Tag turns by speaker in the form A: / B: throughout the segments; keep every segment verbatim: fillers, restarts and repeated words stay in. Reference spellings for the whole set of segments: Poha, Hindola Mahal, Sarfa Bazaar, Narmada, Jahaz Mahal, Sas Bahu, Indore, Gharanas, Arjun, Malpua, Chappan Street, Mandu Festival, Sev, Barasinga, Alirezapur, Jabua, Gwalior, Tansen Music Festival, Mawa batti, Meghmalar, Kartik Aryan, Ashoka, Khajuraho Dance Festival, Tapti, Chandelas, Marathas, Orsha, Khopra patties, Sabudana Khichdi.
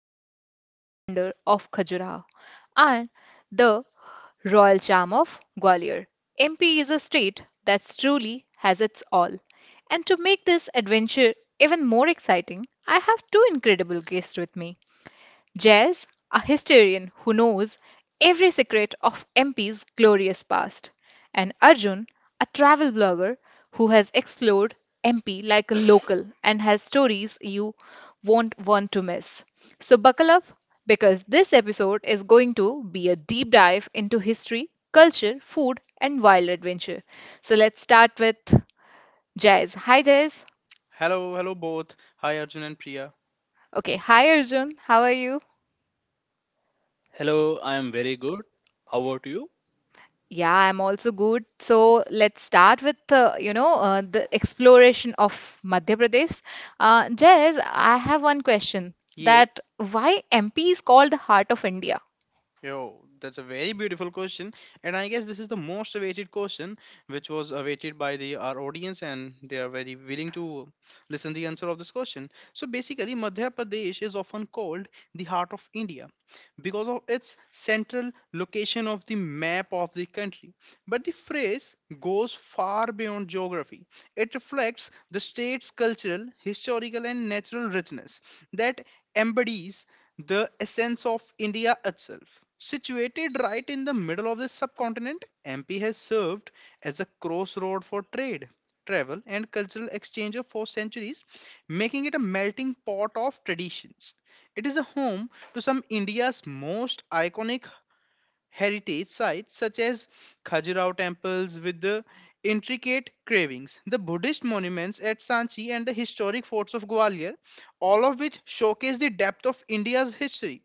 A: architectural wonder of Khajuraho and the royal charm of Gwalior, M P is a state that truly has its all. And to make this adventure even more exciting, I have two incredible guests with me. Jez, a historian who knows every secret of M P's glorious past, and Arjun, a travel blogger who has explored M P like a local and has stories you won't want to miss. So buckle up because this episode is going to be a deep dive into history, culture, food, and wild adventure. So let's start with Jez. Hi, Jez.
B: Hello, hello both. Hi Arjun and Priya.
A: Okay, hi, Arjun. How are you?
C: Hello, I am very good. How about you?
A: Yeah, I'm also good. So let's start with uh, you know uh, the exploration of Madhya Pradesh. Uh, Jez, I have one question
B: Yes.
A: that why M P is called the heart of India?
B: Yo, that's a very beautiful question, and I guess this is the most awaited question, which was awaited by the our audience, and they are very willing to listen the answer of this question. So basically, Madhya Pradesh is often called the heart of India because of its central location of the map of the country. But the phrase goes far beyond geography. It reflects the state's cultural, historical, and natural richness that embodies the essence of India itself. Situated right in the middle of the subcontinent, M P has served as a crossroad for trade, travel, and cultural exchange for centuries, making it a melting pot of traditions. It is a home to some India's most iconic heritage sites such as Khajuraho temples with the intricate carvings, the Buddhist monuments at Sanchi, and the historic forts of Gwalior, all of which showcase the depth of India's history.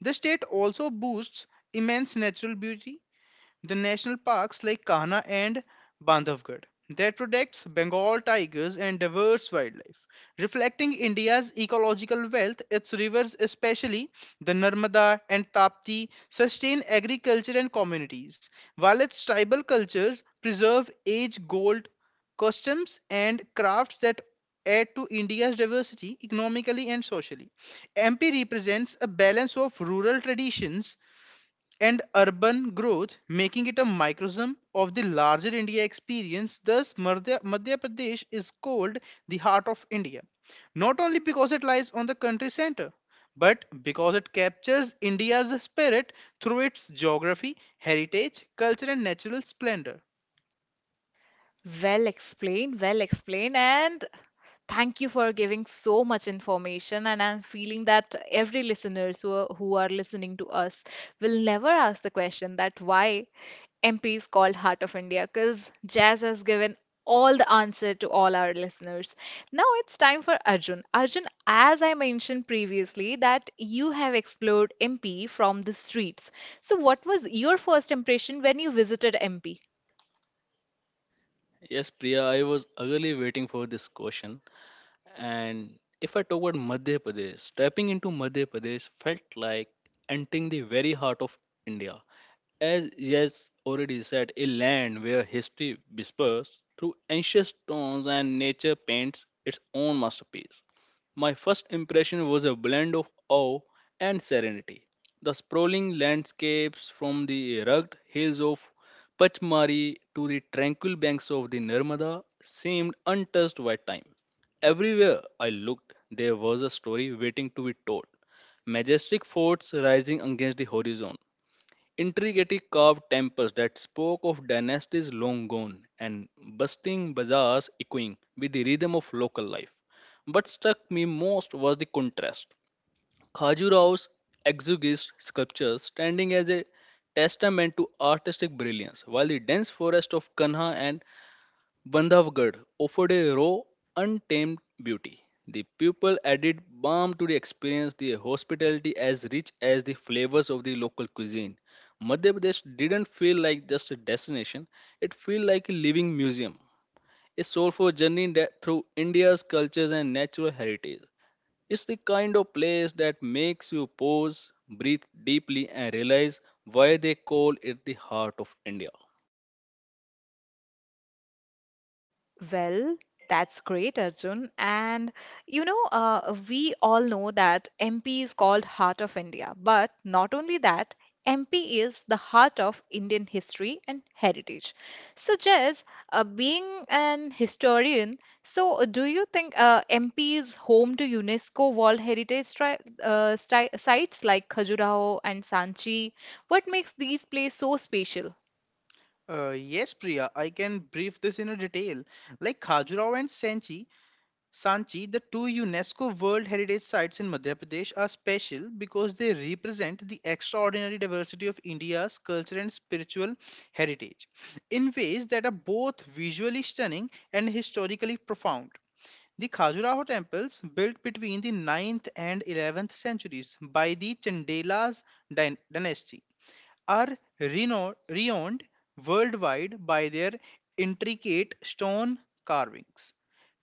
B: The state also boasts immense natural beauty, the national parks like Kanha and Bandhavgarh that protects Bengal tigers and diverse wildlife, reflecting India's ecological wealth. Its rivers, especially the Narmada and Tapti, sustain agriculture and communities, while its tribal cultures preserve age-old customs and crafts that add to India's diversity economically and socially. M P represents a balance of rural traditions and urban growth, making it a microcosm of the larger India experience. Thus, Madhya, Madhya Pradesh is called the heart of India, not only because it lies on the country center, but because it captures India's spirit through its geography, heritage, culture, and natural splendor.
A: Well explained, well explained, and thank you for giving so much information. And I'm feeling that every listeners who are, who are listening to us will never ask the question that why M P is called Heart of India, because Jazz has given all the answer to all our listeners. Now it's time for Arjun. Arjun, as I mentioned previously, that you have explored M P from the streets. So what was your first impression when you visited M P?
C: Yes, Priya, I was eagerly waiting for this question. And if I talk about Madhya Pradesh, stepping into Madhya Pradesh felt like entering the very heart of India. As yes already said, a land where history whispers through ancient stones and nature paints its own masterpiece. My first impression was a blend of awe and serenity. The sprawling landscapes from the rugged hills of Pachmari to the tranquil banks of the Narmada seemed untouched by time. Everywhere I looked, there was a story waiting to be told. Majestic forts rising against the horizon, intricately carved temples that spoke of dynasties long gone and bustling bazaars echoing with the rhythm of local life. But struck me most was the contrast. Khajuraho's exiguous sculptures standing as a testament to artistic brilliance, while the dense forest of Kanha and Bandhavgarh offered a raw, untamed beauty. The people added balm to the experience, the hospitality as rich as the flavors of the local cuisine. Madhya Pradesh didn't feel like just a destination, it felt like a living museum, a soulful journey that through India's cultures and natural heritage. It's the kind of place that makes you pause, breathe deeply, and realize why they call it the heart of India.
A: Well, that's great, Arjun. And you know, uh, we all know that M P is called Heart of India, but not only that, M P is the heart of Indian history and heritage. So, Jess, uh, being an historian, so uh, do you think uh, M P is home to UNESCO World Heritage tri uh, stri sites like Khajuraho and Sanchi? What makes these places so special?
B: Uh, yes, Priya, I can brief this in a detail. Like Khajuraho and Sanchi Sanchi, the two UNESCO World Heritage Sites in Madhya Pradesh are special because they represent the extraordinary diversity of India's cultural and spiritual heritage in ways that are both visually stunning and historically profound. The Khajuraho temples, built between the ninth and eleventh centuries by the Chandelas dyn- dynasty, are reno- renowned worldwide by their intricate stone carvings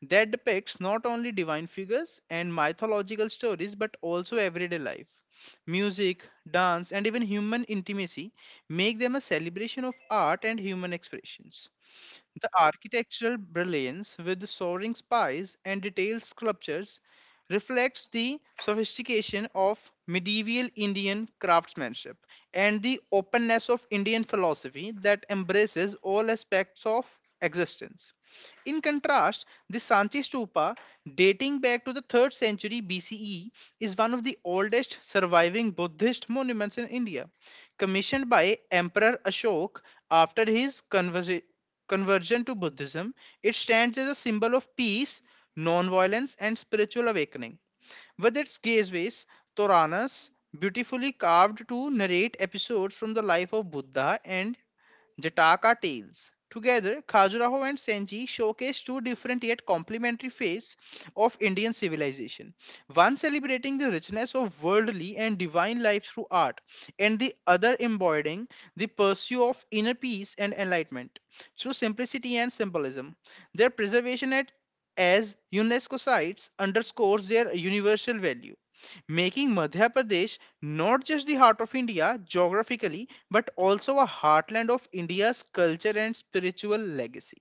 B: that depicts not only divine figures and mythological stories but also everyday life, music, dance, and even human intimacy, make them a celebration of art and human expressions. The architectural brilliance with the soaring spires and detailed sculptures reflects the sophistication of medieval Indian craftsmanship and the openness of Indian philosophy that embraces all aspects of existence. In contrast, the Sanchi Stupa, dating back to the third century B C E, is one of the oldest surviving Buddhist monuments in India, commissioned by Emperor Ashoka. After his conversa- conversion to Buddhism, it stands as a symbol of peace, non-violence, and spiritual awakening. With its gateways, Toranas beautifully carved to narrate episodes from the life of Buddha and Jataka tales. Together, Khajuraho and Senji showcase two different yet complementary phases of Indian civilization. One celebrating the richness of worldly and divine life through art, and the other embodying the pursuit of inner peace and enlightenment through simplicity and symbolism. Their preservation at, as UNESCO sites, underscores their universal value, making Madhya Pradesh not just the heart of India geographically but also a heartland of India's culture and spiritual legacy.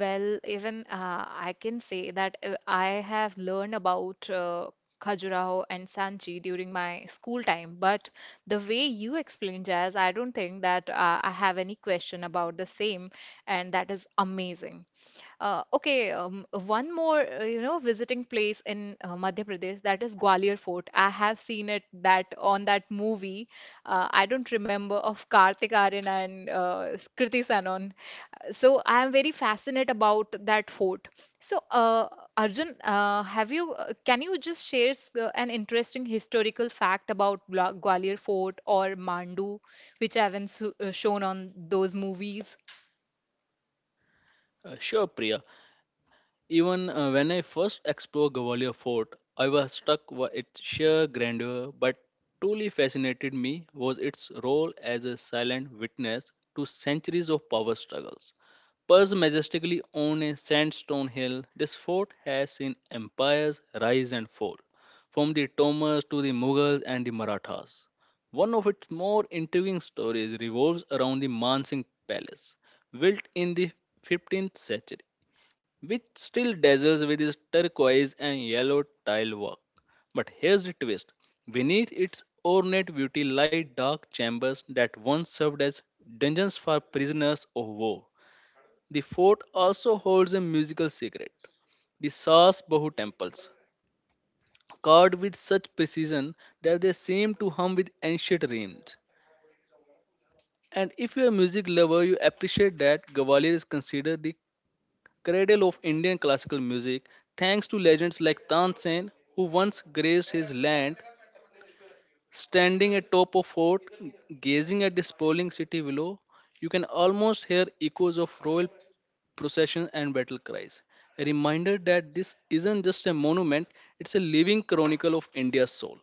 A: Well, even uh, I can say that uh, I have learned about uh, Khajuraho and Sanchi during my school time, but the way you explain jazz, I don't think that uh, I have any question about the same, and that is amazing. Uh, okay, um, one more, uh, you know, visiting place in uh, Madhya Pradesh, that is Gwalior Fort. I have seen it that on that movie. Uh, I don't remember of Kartik Aryan and uh, Kriti Sanon. So I am very fascinated about that fort. So uh, Arjun, uh, have you? uh, Can you just share s- uh, an interesting historical fact about Gwa- Gwalior Fort or Mandu, which I haven't s- uh, shown on those movies?
C: Uh, sure, Priya. Even uh, when I first explored Gwalior Fort, I was struck by its sheer grandeur, but truly fascinated me was its role as a silent witness to centuries of power struggles. Perched majestically on a sandstone hill, this fort has seen empires rise and fall, from the Tomers to the Mughals and the Marathas. One of its more intriguing stories revolves around the Mansingh Palace, built in the fifteenth century, which still dazzles with its turquoise and yellow tile work. But here's the twist: beneath its ornate beauty lie dark chambers that once served as dungeons for prisoners of war. The fort also holds a musical secret, the Sas Bahu temples, carved with such precision that they seem to hum with ancient rhymes. And if you're a music lover, you appreciate that Gwalior is considered the cradle of Indian classical music, thanks to legends like Tansen, who once graced his land. Standing atop a fort, gazing at the sprawling city below, you can almost hear echoes of royal processions and battle cries. A reminder that this isn't just a monument, it's a living chronicle of India's soul.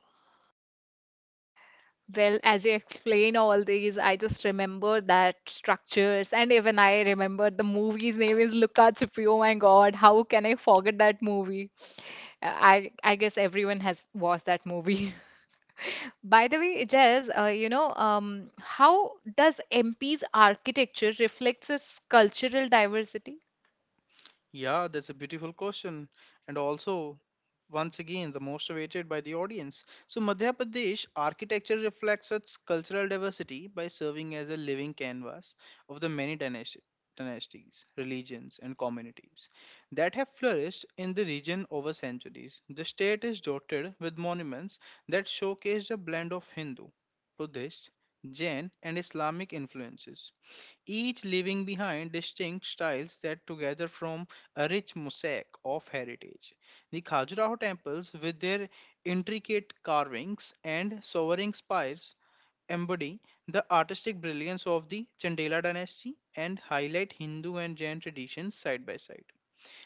A: Well, as you explain all these, I just remember that structures, and even I remember the movie's name is Luca Chupi. Oh my God, how can I forget that movie? Uh, I I guess everyone has watched that movie. By the way, Jez, uh, you know, um, how does M P's architecture reflects its cultural diversity?
B: Yeah, that's a beautiful question. And also, once again, the most awaited by the audience. So, Madhya Pradesh architecture reflects its cultural diversity by serving as a living canvas of the many dynasti- dynasties, religions, and communities that have flourished in the region over centuries. The state is dotted with monuments that showcase a blend of Hindu, Buddhist, Jain, and Islamic influences, each leaving behind distinct styles that together form a rich mosaic of heritage. The Khajuraho temples, with their intricate carvings and soaring spires, embody the artistic brilliance of the Chandela dynasty and highlight Hindu and Jain traditions side by side.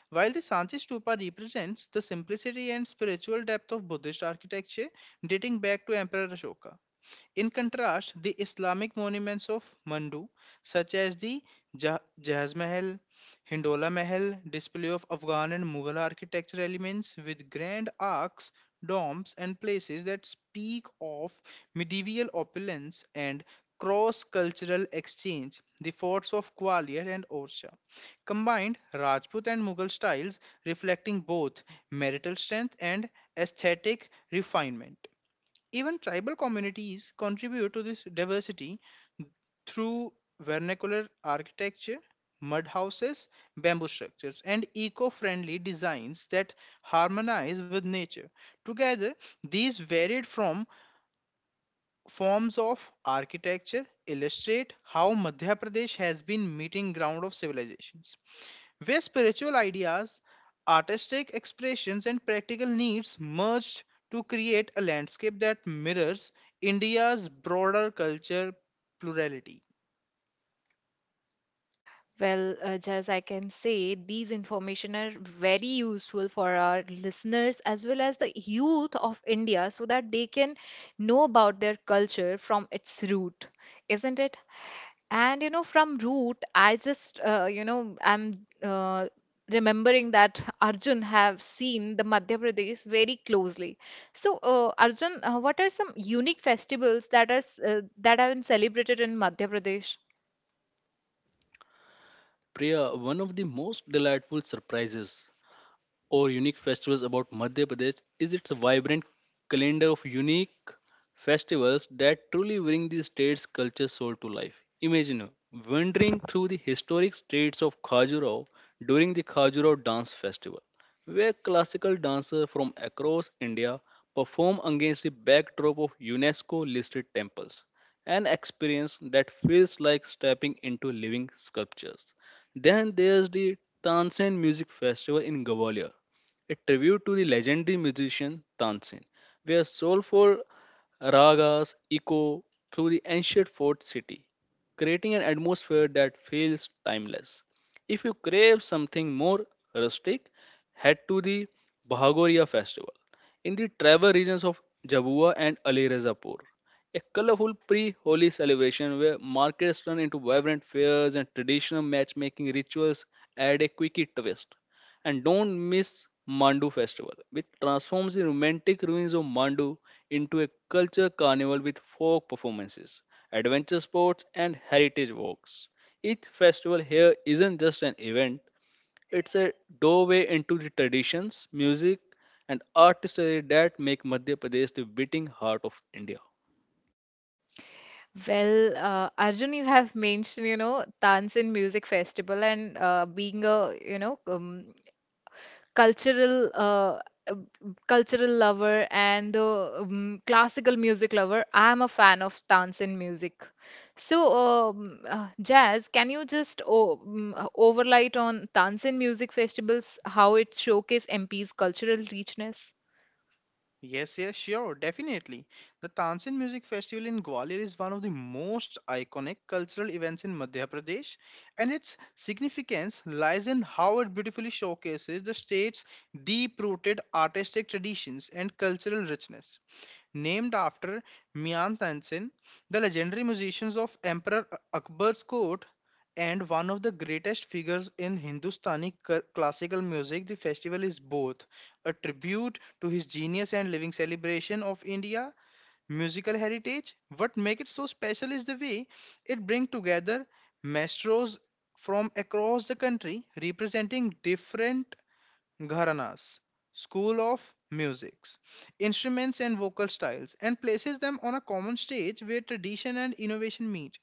B: While the Sanchi Stupa represents the simplicity and spiritual depth of Buddhist architecture dating back to Emperor Ashoka, in contrast, the Islamic monuments of Mandu, such as the Jah- Jahaz Mahal, Hindola Mahal, display of Afghan and Mughal architecture elements with grand arcs, domes, and places that speak of medieval opulence and cross cultural exchange. The forts of Gwalior and Orsha combined Rajput and Mughal styles, reflecting both marital strength and aesthetic refinement. Even tribal communities contribute to this diversity through vernacular architecture, mud houses, bamboo structures, and eco friendly designs that harmonize with nature. Together, these varied from forms of architecture illustrate how Madhya Pradesh has been meeting ground of civilizations where spiritual ideas, artistic expressions, and practical needs merged to create a landscape that mirrors India's broader culture plurality.
A: Well, uh, just I can say these information are very useful for our listeners as well as the youth of India so that they can know about their culture from its root, isn't it? And you know, from root, I just uh, you know, I'm uh, remembering that Arjun have seen the Madhya Pradesh very closely. So, uh, Arjun, uh, what are some unique festivals that are s- uh, that have been celebrated in Madhya Pradesh?
C: Priya, one of the most delightful surprises or unique festivals about Madhya Pradesh is its vibrant calendar of unique festivals that truly bring the state's culture soul to life. Imagine wandering through the historic streets of Khajuraho during the Khajuraho Dance Festival, where classical dancers from across India perform against the backdrop of UNESCO listed temples. An experience that feels like stepping into living sculptures. Then there's the Tansen Music Festival in Gwalior, a tribute to the legendary musician Tansen, where soulful ragas echo through the ancient fort city, creating an atmosphere that feels timeless. If you crave something more rustic, head to the Bahagoria festival in the tribal regions of Jabua and Alirezapur. A colorful pre-holy celebration where markets turn into vibrant fairs and traditional matchmaking rituals add a quirky twist. And don't miss Mandu Festival, which transforms the romantic ruins of Mandu into a culture carnival with folk performances, adventure sports, and heritage walks. Each festival here isn't just an event, it's a doorway into the traditions, music, and artistry that make Madhya Pradesh the beating heart of India.
A: Well, uh, Arjun, you have mentioned, you know, Tansin Music Festival and uh, being a, you know, um, cultural uh, uh, cultural lover and the um, classical music lover. I'm a fan of Tansin music. So, um, uh, Jazz, can you just o um, uh, overlight on Tansin Music Festivals, how it showcase M P's cultural richness?
B: Yes, yes, sure, definitely. The Tansin Music Festival in Gwalior is one of the most iconic cultural events in Madhya Pradesh, and its significance lies in how it beautifully showcases the state's deep rooted artistic traditions and cultural richness. Named after Mian Tansen, the legendary musicians of Emperor Akbar's court and one of the greatest figures in Hindustani cl- classical music, the festival is both a tribute to his genius and living celebration of India musical heritage. What makes it so special is the way it brings together maestros from across the country representing different Gharanas, school of musics, instruments, and vocal styles, and places them on a common stage where tradition and innovation meet.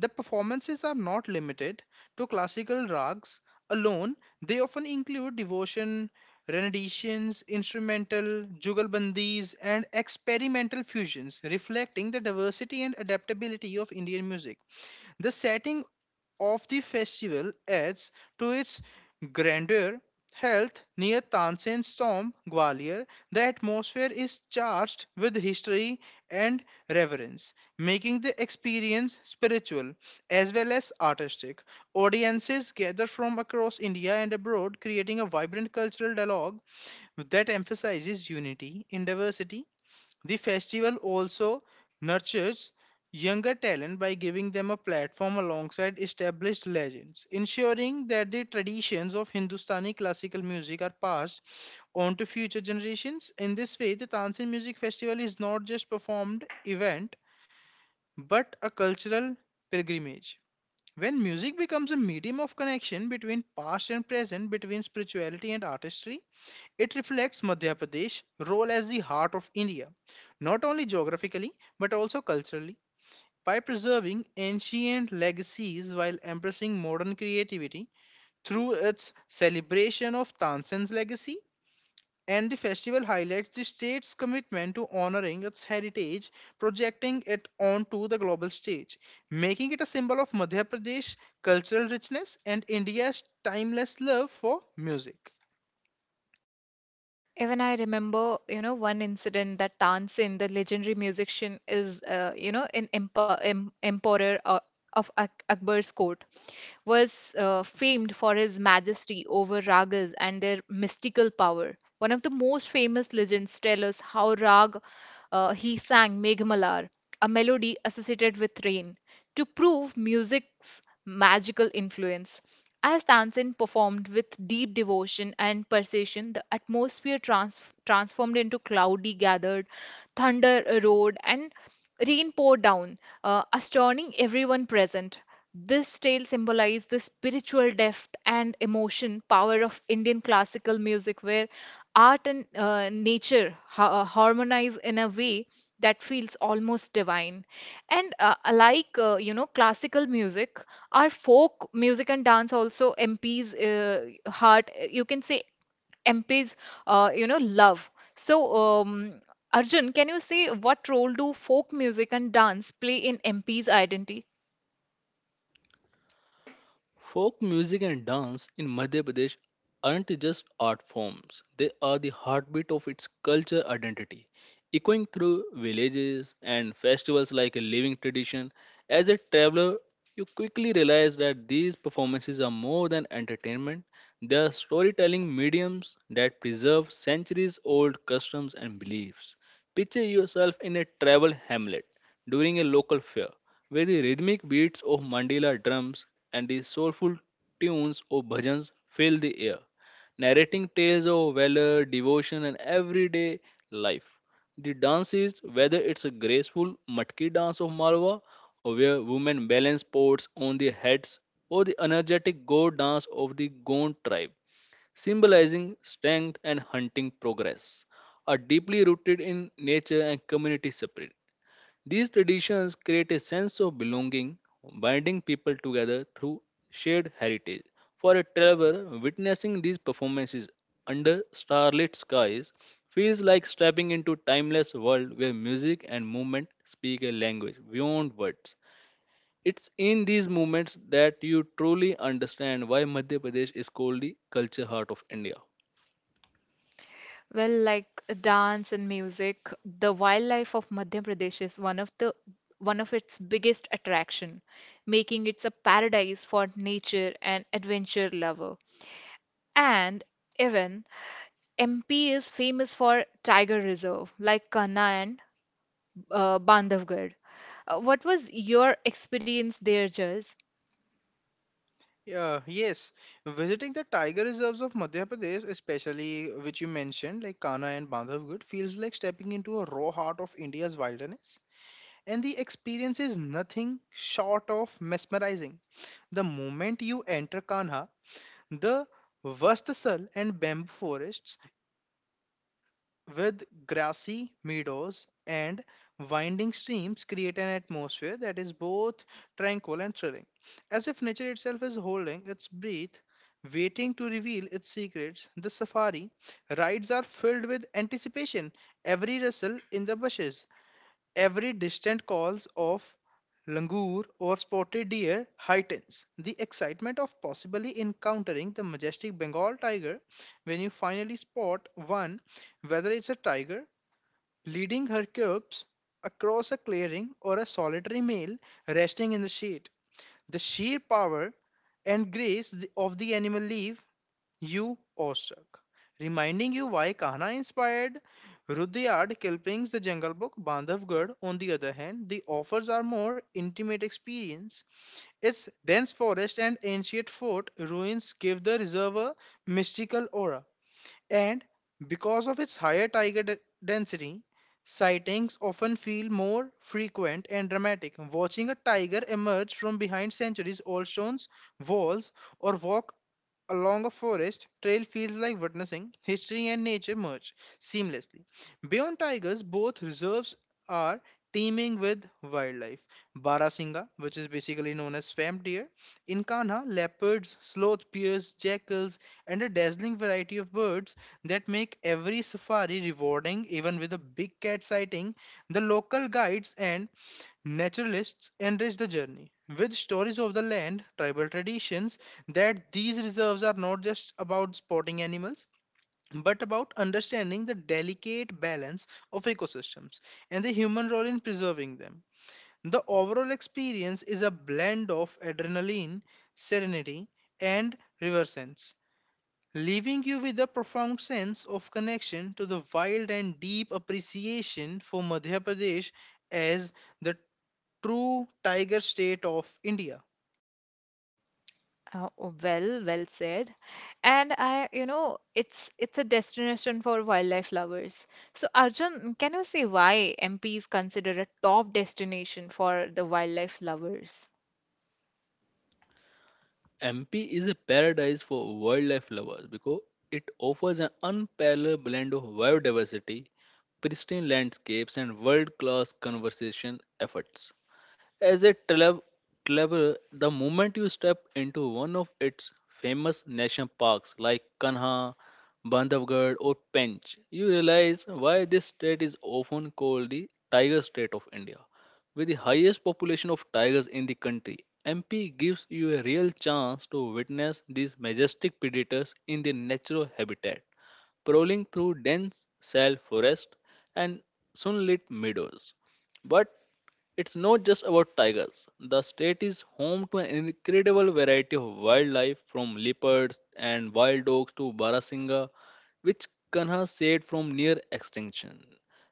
B: The performances are not limited to classical rags alone, they often include devotion, renditions, instrumental, jugalbandis, and experimental fusions, reflecting the diversity and adaptability of Indian music. The setting of the festival adds to its grandeur. Health near Tansen's tomb, Gwalior, the atmosphere is charged with history and reverence, making the experience spiritual as well as artistic. Audiences gather from across India and abroad, creating a vibrant cultural dialogue that emphasizes unity in diversity. The festival also nurtures younger talent by giving them a platform alongside established legends, ensuring that the traditions of Hindustani classical music are passed on to future generations. In this way, the Tansin Music Festival is not just performed event but a cultural pilgrimage. When music becomes a medium of connection between past and present, between spirituality and artistry, it reflects Madhya Pradesh' role as the heart of India, not only geographically but also culturally. By preserving ancient legacies while embracing modern creativity through its celebration of Tansen's legacy, and the festival highlights the state's commitment to honoring its heritage, projecting it onto the global stage, making it a symbol of Madhya Pradesh cultural richness and India's timeless love for music.
A: Even I remember, you know, one incident that Tansen, the legendary musician, is, uh, you know, an empo em emperor uh, of Ak Akbar's court, was uh, famed for his majesty over ragas and their mystical power. One of the most famous legends tell us how rag uh, he sang Meghmalar, a melody associated with rain to prove music's magical influence. As Tansen performed with deep devotion and precision, the atmosphere trans- transformed into cloudy gathered, thunder roared, and rain poured down, uh, astounding everyone present. This tale symbolizes the spiritual depth and emotion power of Indian classical music, where art and uh, nature ha- uh, harmonize in a way that feels almost divine. And uh, like uh, you know, classical music, our folk music and dance also M P's uh, heart. You can say M P's uh, you know love. So um, Arjun, can you say what role do folk music and dance play in M P's identity?
C: Folk music and dance in Madhya Pradesh aren't just art forms, they are the heartbeat of its culture identity, echoing through villages and festivals like a living tradition. As a traveler, you quickly realize that these performances are more than entertainment, they are storytelling mediums that preserve centuries old customs and beliefs. Picture yourself in a travel hamlet during a local fair, where the rhythmic beats of mandala drums and the soulful tunes of bhajans fill the air, narrating tales of valor, devotion, and everyday life. The dance is, whether it's a graceful matki dance of Malwa, or where women balance pots on their heads, or the energetic go dance of the Gond tribe symbolizing strength and hunting progress, are deeply rooted in nature and community spirit. These traditions create a sense of belonging, binding people together through shared heritage. For a traveler, witnessing these performances under starlit skies feels like stepping into a timeless world where music and movement speak a language beyond words. It's in these moments that you truly understand why Madhya Pradesh is called the culture heart of India.
A: Well, like dance and music, the wildlife of Madhya Pradesh is one of the one of its biggest attraction, making it a paradise for nature and adventure lover. And even M P is famous for tiger reserve like Kanha and uh, Bandhavgarh. Uh, what was your experience there, Jaz?
B: Yeah, yes. Visiting the tiger reserves of Madhya Pradesh, especially which you mentioned, like Kana and Bandhavgarh, feels like stepping into a raw heart of India's wilderness. And the experience is nothing short of mesmerizing. The moment you enter Kanha, the Vastasal and bamboo forests with grassy meadows and winding streams create an atmosphere that is both tranquil and thrilling, as if nature itself is holding its breath waiting to reveal its secrets. The safari rides are filled with anticipation. Every rustle in the bushes, every distant calls of langur or spotted deer heightens the excitement of possibly encountering the majestic Bengal tiger. When you finally spot one, whether it's a tiger leading her cubs across a clearing or a solitary male resting in the shade. The sheer power and grace th- of the animal leave. You Oshak. Reminding you why Kahana inspired Rudyard Kipling's The Jungle Book, Bandhavgarh, on the other hand, the offers are more intimate experience. Its dense forest and ancient fort ruins give the reserve a mystical aura, and because of its higher tiger de- density, sightings often feel more frequent and dramatic. Watching a tiger emerge from behind centuries old stones walls or walk along a forest trail feels like witnessing history and nature merge seamlessly. Beyond tigers, both reserves are teeming with wildlife. Barasinga, which is basically known as swamp deer, in Kanha, leopards, sloth bears, jackals, and a dazzling variety of birds that make every safari rewarding. Even with a big cat sighting, the local guides and Naturalists enrich the journey with stories of the land, tribal traditions, that these reserves are not just about spotting animals but about understanding the delicate balance of ecosystems and the human role in preserving them. The overall experience is a blend of adrenaline, serenity, and river sense, leaving you with a profound sense of connection to the wild and deep appreciation for Madhya Pradesh as the true tiger state of India.
A: Oh, oh, well, well said. And I, you know, it's it's a destination for wildlife lovers. So Arjun, can you say why M P is considered a top destination for the wildlife lovers?
C: M P is a paradise for wildlife lovers because it offers an unparalleled blend of biodiversity, pristine landscapes, and world class conservation efforts. As a travel traveler, the moment you step into one of its famous national parks like Kanha, Bandhavgarh, or Pench, you realize why this state is often called the Tiger State of India. With the highest population of tigers in the country, M P gives you a real chance to witness these majestic predators in their natural habitat, prowling through dense sal forest and sunlit meadows. But it's not just about tigers. The state is home to an incredible variety of wildlife from leopards and wild dogs to barasinga, which Kanha saved from near extinction.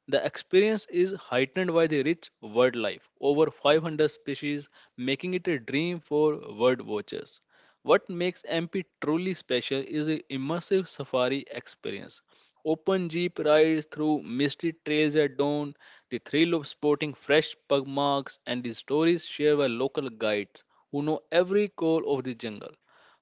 C: The experience is heightened by the rich wildlife, over five hundred species, making it a dream for bird watchers. What makes M P truly special is the immersive safari experience. Open jeep rides through misty trails at dawn, the thrill of sporting fresh pug marks, and the stories shared by local guides who know every corner of the jungle.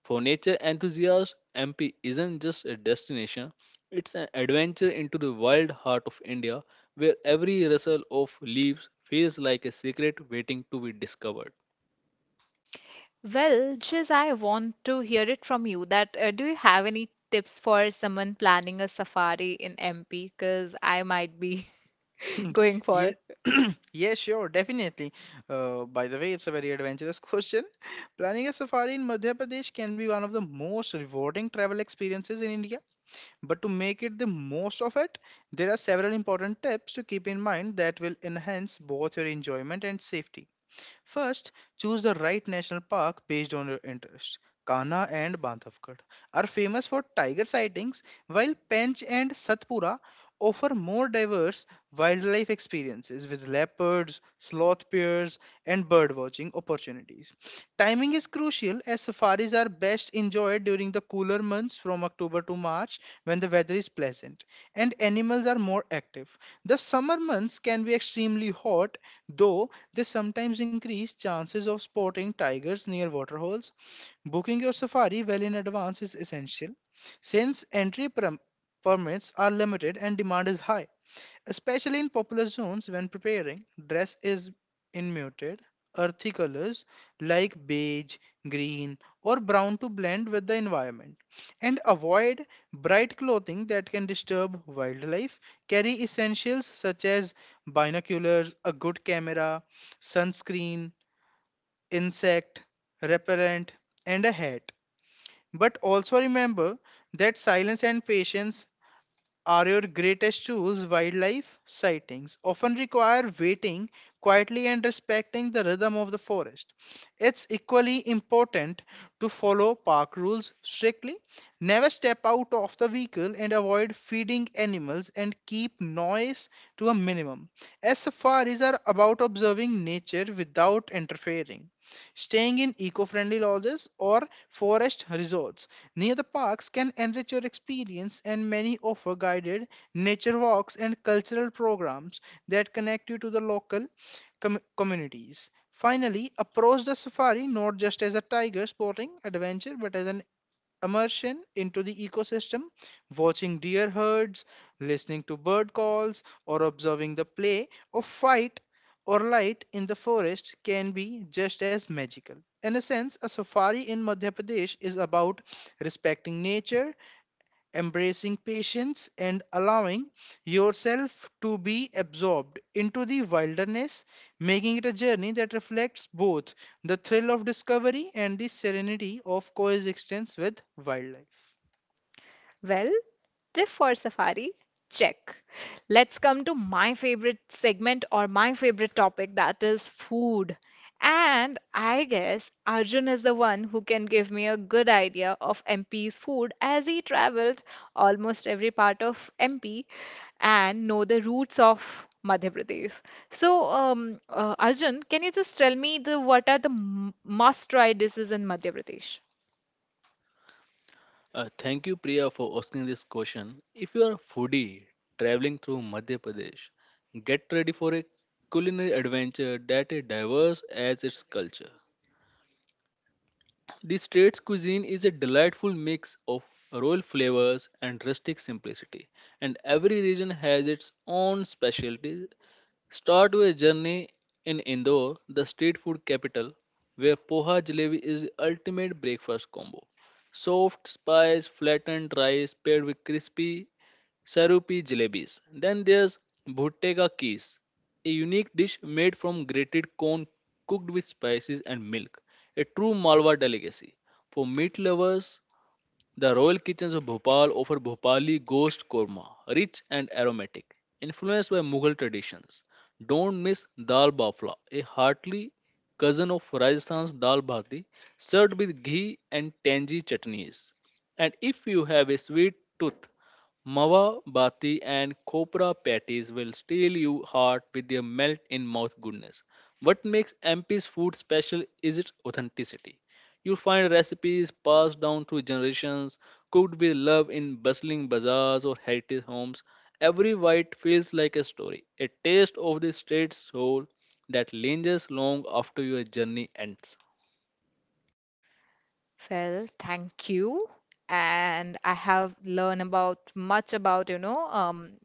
C: For nature enthusiasts, M P isn't just a destination, it's an adventure into the wild heart of India where every rustle of leaves feels like a secret waiting to be discovered.
A: Well, Jiz, I want to hear it from you that uh, do you have any tips for someone planning a safari in M P? Because I might be going
B: Yeah.
A: for.
B: Yeah, sure, definitely. Uh, by the way, it's a very adventurous question. Planning a safari in Madhya Pradesh can be one of the most rewarding travel experiences in India. But to make it the most of it, there are several important tips to keep in mind that will enhance both your enjoyment and safety. First, choose the right national park based on your interest. Kanha and Bandhavgarh are famous for tiger sightings, while Pench and Satpura offer more diverse wildlife experiences with leopards, sloth bears, and bird watching opportunities. Timing is crucial as safaris are best enjoyed during the cooler months from October to March, when the weather is pleasant and animals are more active. The summer months can be extremely hot, though they sometimes increase chances of spotting tigers near waterholes. Booking your safari well in advance is essential, since entry perm- permits are limited and demand is high, especially in popular zones. When preparing, dress is in muted, earthy colors like beige, green, or brown to blend with the environment, and avoid bright clothing that can disturb wildlife. Carry essentials such as binoculars, a good camera, sunscreen, insect repellent, and a hat. But also remember that silence and patience are your greatest tools. Wildlife sightings often require waiting quietly and respecting the rhythm of the forest. It's equally important to follow park rules strictly, never step out of the vehicle, and avoid feeding animals, and keep noise to a minimum, as safaris are about observing nature without interfering. Staying in eco-friendly lodges or forest resorts near the parks can enrich your experience, and many offer guided nature walks and cultural programs that connect you to the local com- communities. Finally, approach the safari not just as a tiger sporting adventure, but as an immersion into the ecosystem. Watching deer herds, listening to bird calls, or observing the play of fight or light in the forest can be just as magical. In a sense, a safari in Madhya Pradesh is about respecting nature, embracing patience, and allowing yourself to be absorbed into the wilderness, making it a journey that reflects both the thrill of discovery and the serenity of coexistence with wildlife.
A: Well, tip for Safari, check. Let's come to my favorite segment or my favorite topic that is food. And I guess Arjun is the one who can give me a good idea of M P's food as he traveled almost every part of M P and know the roots of Madhya Pradesh. So, um, uh, Arjun, can you just tell me the what are the m- must-try dishes in Madhya Pradesh?
C: Uh, thank you, Priya, for asking this question. If you are a foodie traveling through Madhya Pradesh, get ready for a culinary adventure that is diverse as its culture. The state's cuisine is a delightful mix of royal flavors and rustic simplicity, and every region has its own specialty. Start with a journey in Indore, the street food capital, where poha jalebi is the ultimate breakfast combo. Soft, spiced, flattened rice paired with crispy Sarupi jalebis. Then there's Bhutte ka Kees, a unique dish made from grated corn cooked with spices and milk, a true Malwa delicacy. For meat lovers, the royal kitchens of Bhopal offer Bhopali ghost korma, rich and aromatic, influenced by Mughal traditions. Don't miss dal bafla, a hearty cousin of Rajasthan's dal bhati, served with ghee and tangy chutneys. And if you have a sweet tooth, mawa bati and copra patties will steal your heart with their melt in mouth goodness. What makes M P's food special is its authenticity. You'll find recipes passed down through generations, cooked with love in bustling bazaars or heritage homes. Every bite feels like a story, a taste of the state's soul that lingers long after your journey ends.
A: Well, thank you. And I have learned about much about, you know, um,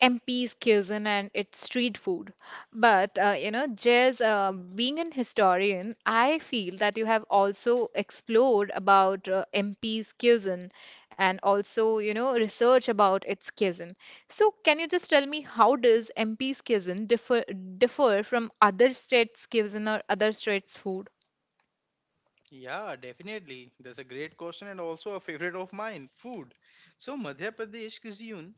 A: M P's cuisine and its street food. But, uh, you know, Jez, uh, being an historian, I feel that you have also explored about uh, M P's cuisine and also, you know, research about its cuisine. So, can you just tell me how does M P's cuisine differ differ from other states' cuisine or other states' food?
B: Yeah, definitely. That's a great question, and also a favorite of mine, food. So, Madhya Pradesh cuisine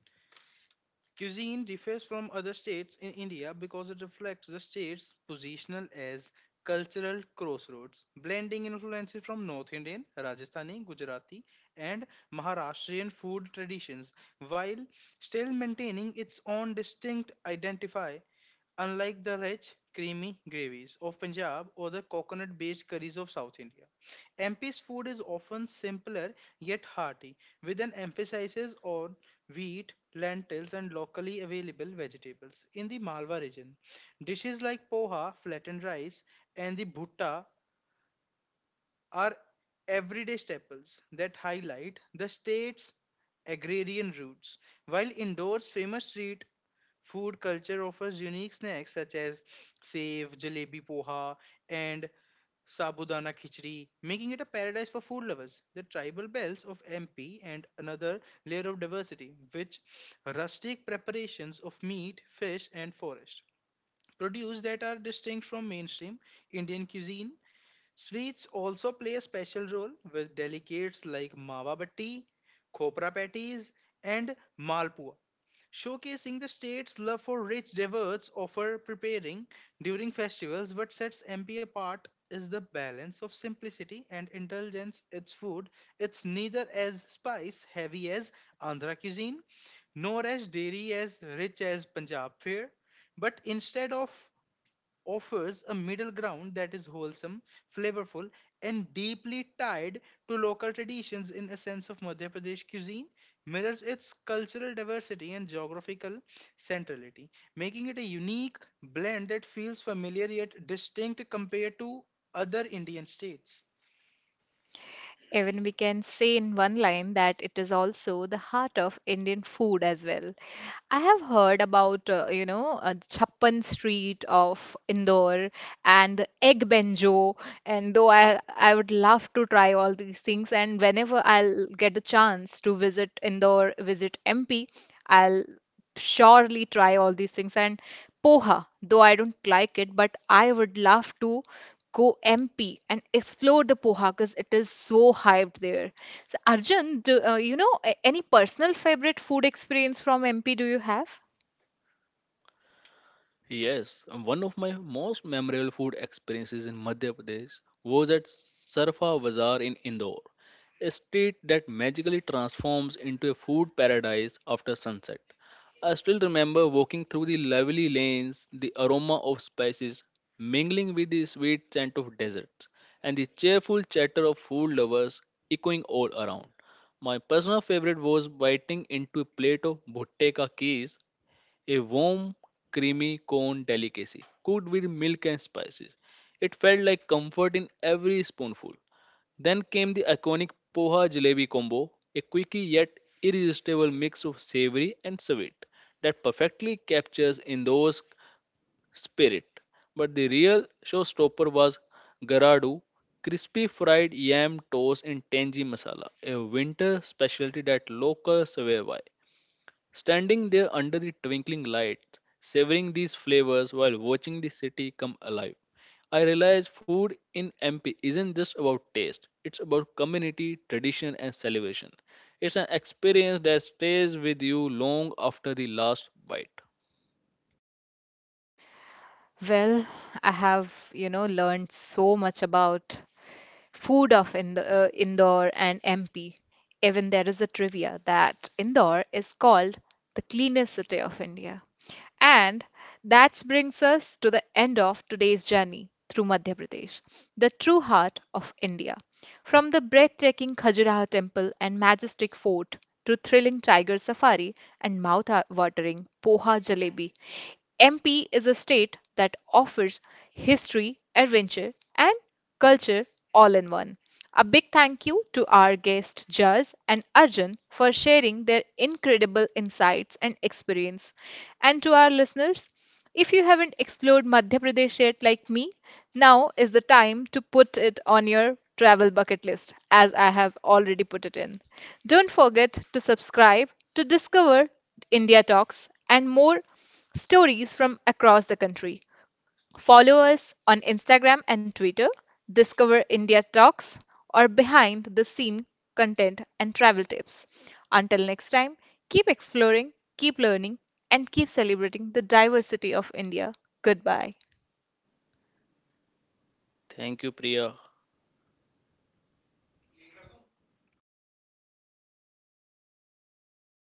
B: Cuisine differs from other states in India because it reflects the state's positional as cultural crossroads, blending influences from North Indian, Rajasthani, Gujarati, and Maharashtrian food traditions, while still maintaining its own distinct identify, unlike the rich, creamy gravies of Punjab or the coconut based curries of South India. M P's food is often simpler yet hearty, with an emphasis on wheat, lentils, and locally available vegetables. In the Malwa region, dishes like poha, flattened rice, and the bhutta are everyday staples that highlight the state's agrarian roots. While indoors, famous street food culture offers unique snacks such as sev, jalebi poha, and Sabudana Khichdi, making it a paradise for food lovers. The tribal bells of M P and another layer of diversity, which rustic preparations of meat, fish, and forest produce that are distinct from mainstream Indian cuisine. Sweets also play a special role, with delicates like mawa batti, khopra patties, and malpua, showcasing the state's love for rich desserts, offer preparing during festivals. What sets M P apart is the balance of simplicity and indulgence. Its food, it's neither as spice heavy as Andhra cuisine, nor as dairy as rich as Punjab fare, but instead of offers a middle ground that is wholesome, flavorful, and deeply tied to local traditions. In a sense of Madhya Pradesh cuisine, mirrors its cultural diversity and geographical centrality, making it a unique blend that feels familiar yet distinct compared to other Indian states.
A: Even we can say in one line that it is also the heart of Indian food as well. I have heard about, uh, you know, uh, Chappan Street of Indore and the egg benjo. And though I, I would love to try all these things, and whenever I'll get a chance to visit Indore, visit M P, I'll surely try all these things. And poha, though I don't like it, but I would love to go M P and explore the poha because it is so hyped there. So Arjun, do, uh, you know a- any personal favorite food experience from M P do you have?
C: Yes, one of my most memorable food experiences in Madhya Pradesh was at Sarfa Bazaar in Indore, a street that magically transforms into a food paradise after sunset. I still remember walking through the lovely lanes, the aroma of spices mingling with the sweet scent of deserts, and the cheerful chatter of food lovers echoing all around. My personal favorite was biting into a plate of bhutte ka keez, a warm, creamy cone delicacy cooked with milk and spices. It felt like comfort in every spoonful. Then came the iconic poha jalebi combo, a quirky yet irresistible mix of savory and sweet that perfectly captures Indo's spirit. But the real showstopper was garadu, crispy fried yam toast in tangy masala, a winter specialty that locals swear by. Standing there under the twinkling lights, savoring these flavors while watching the city come alive, I realized food in M P isn't just about taste, it's about community, tradition, and celebration. It's an experience that stays with you long after the last bite.
A: Well, I have, you know, learned so much about food of Ind- uh, Indore and M P. Even there is a trivia that Indore is called the cleanest city of India. And that brings us to the end of today's journey through Madhya Pradesh, the true heart of India. From the breathtaking Khajuraho temple and majestic fort to thrilling tiger safari and mouth-watering poha jalebi, M P is a state that offers history, adventure, and and culture all in one. A big thank you to our guest Jaz and Arjun for sharing their incredible insights and experience. And to our listeners, if you haven't explored Madhya Pradesh yet like me, now is the time to put it on your travel bucket list as I have already put it in. Don't forget to subscribe to discover India Talks and more stories from across the country. Follow us on Instagram and Twitter, discover India Talks or behind the scene content and travel tips. Until next time, keep exploring, keep learning, and keep celebrating the diversity of India. Goodbye.
C: Thank you, Priya.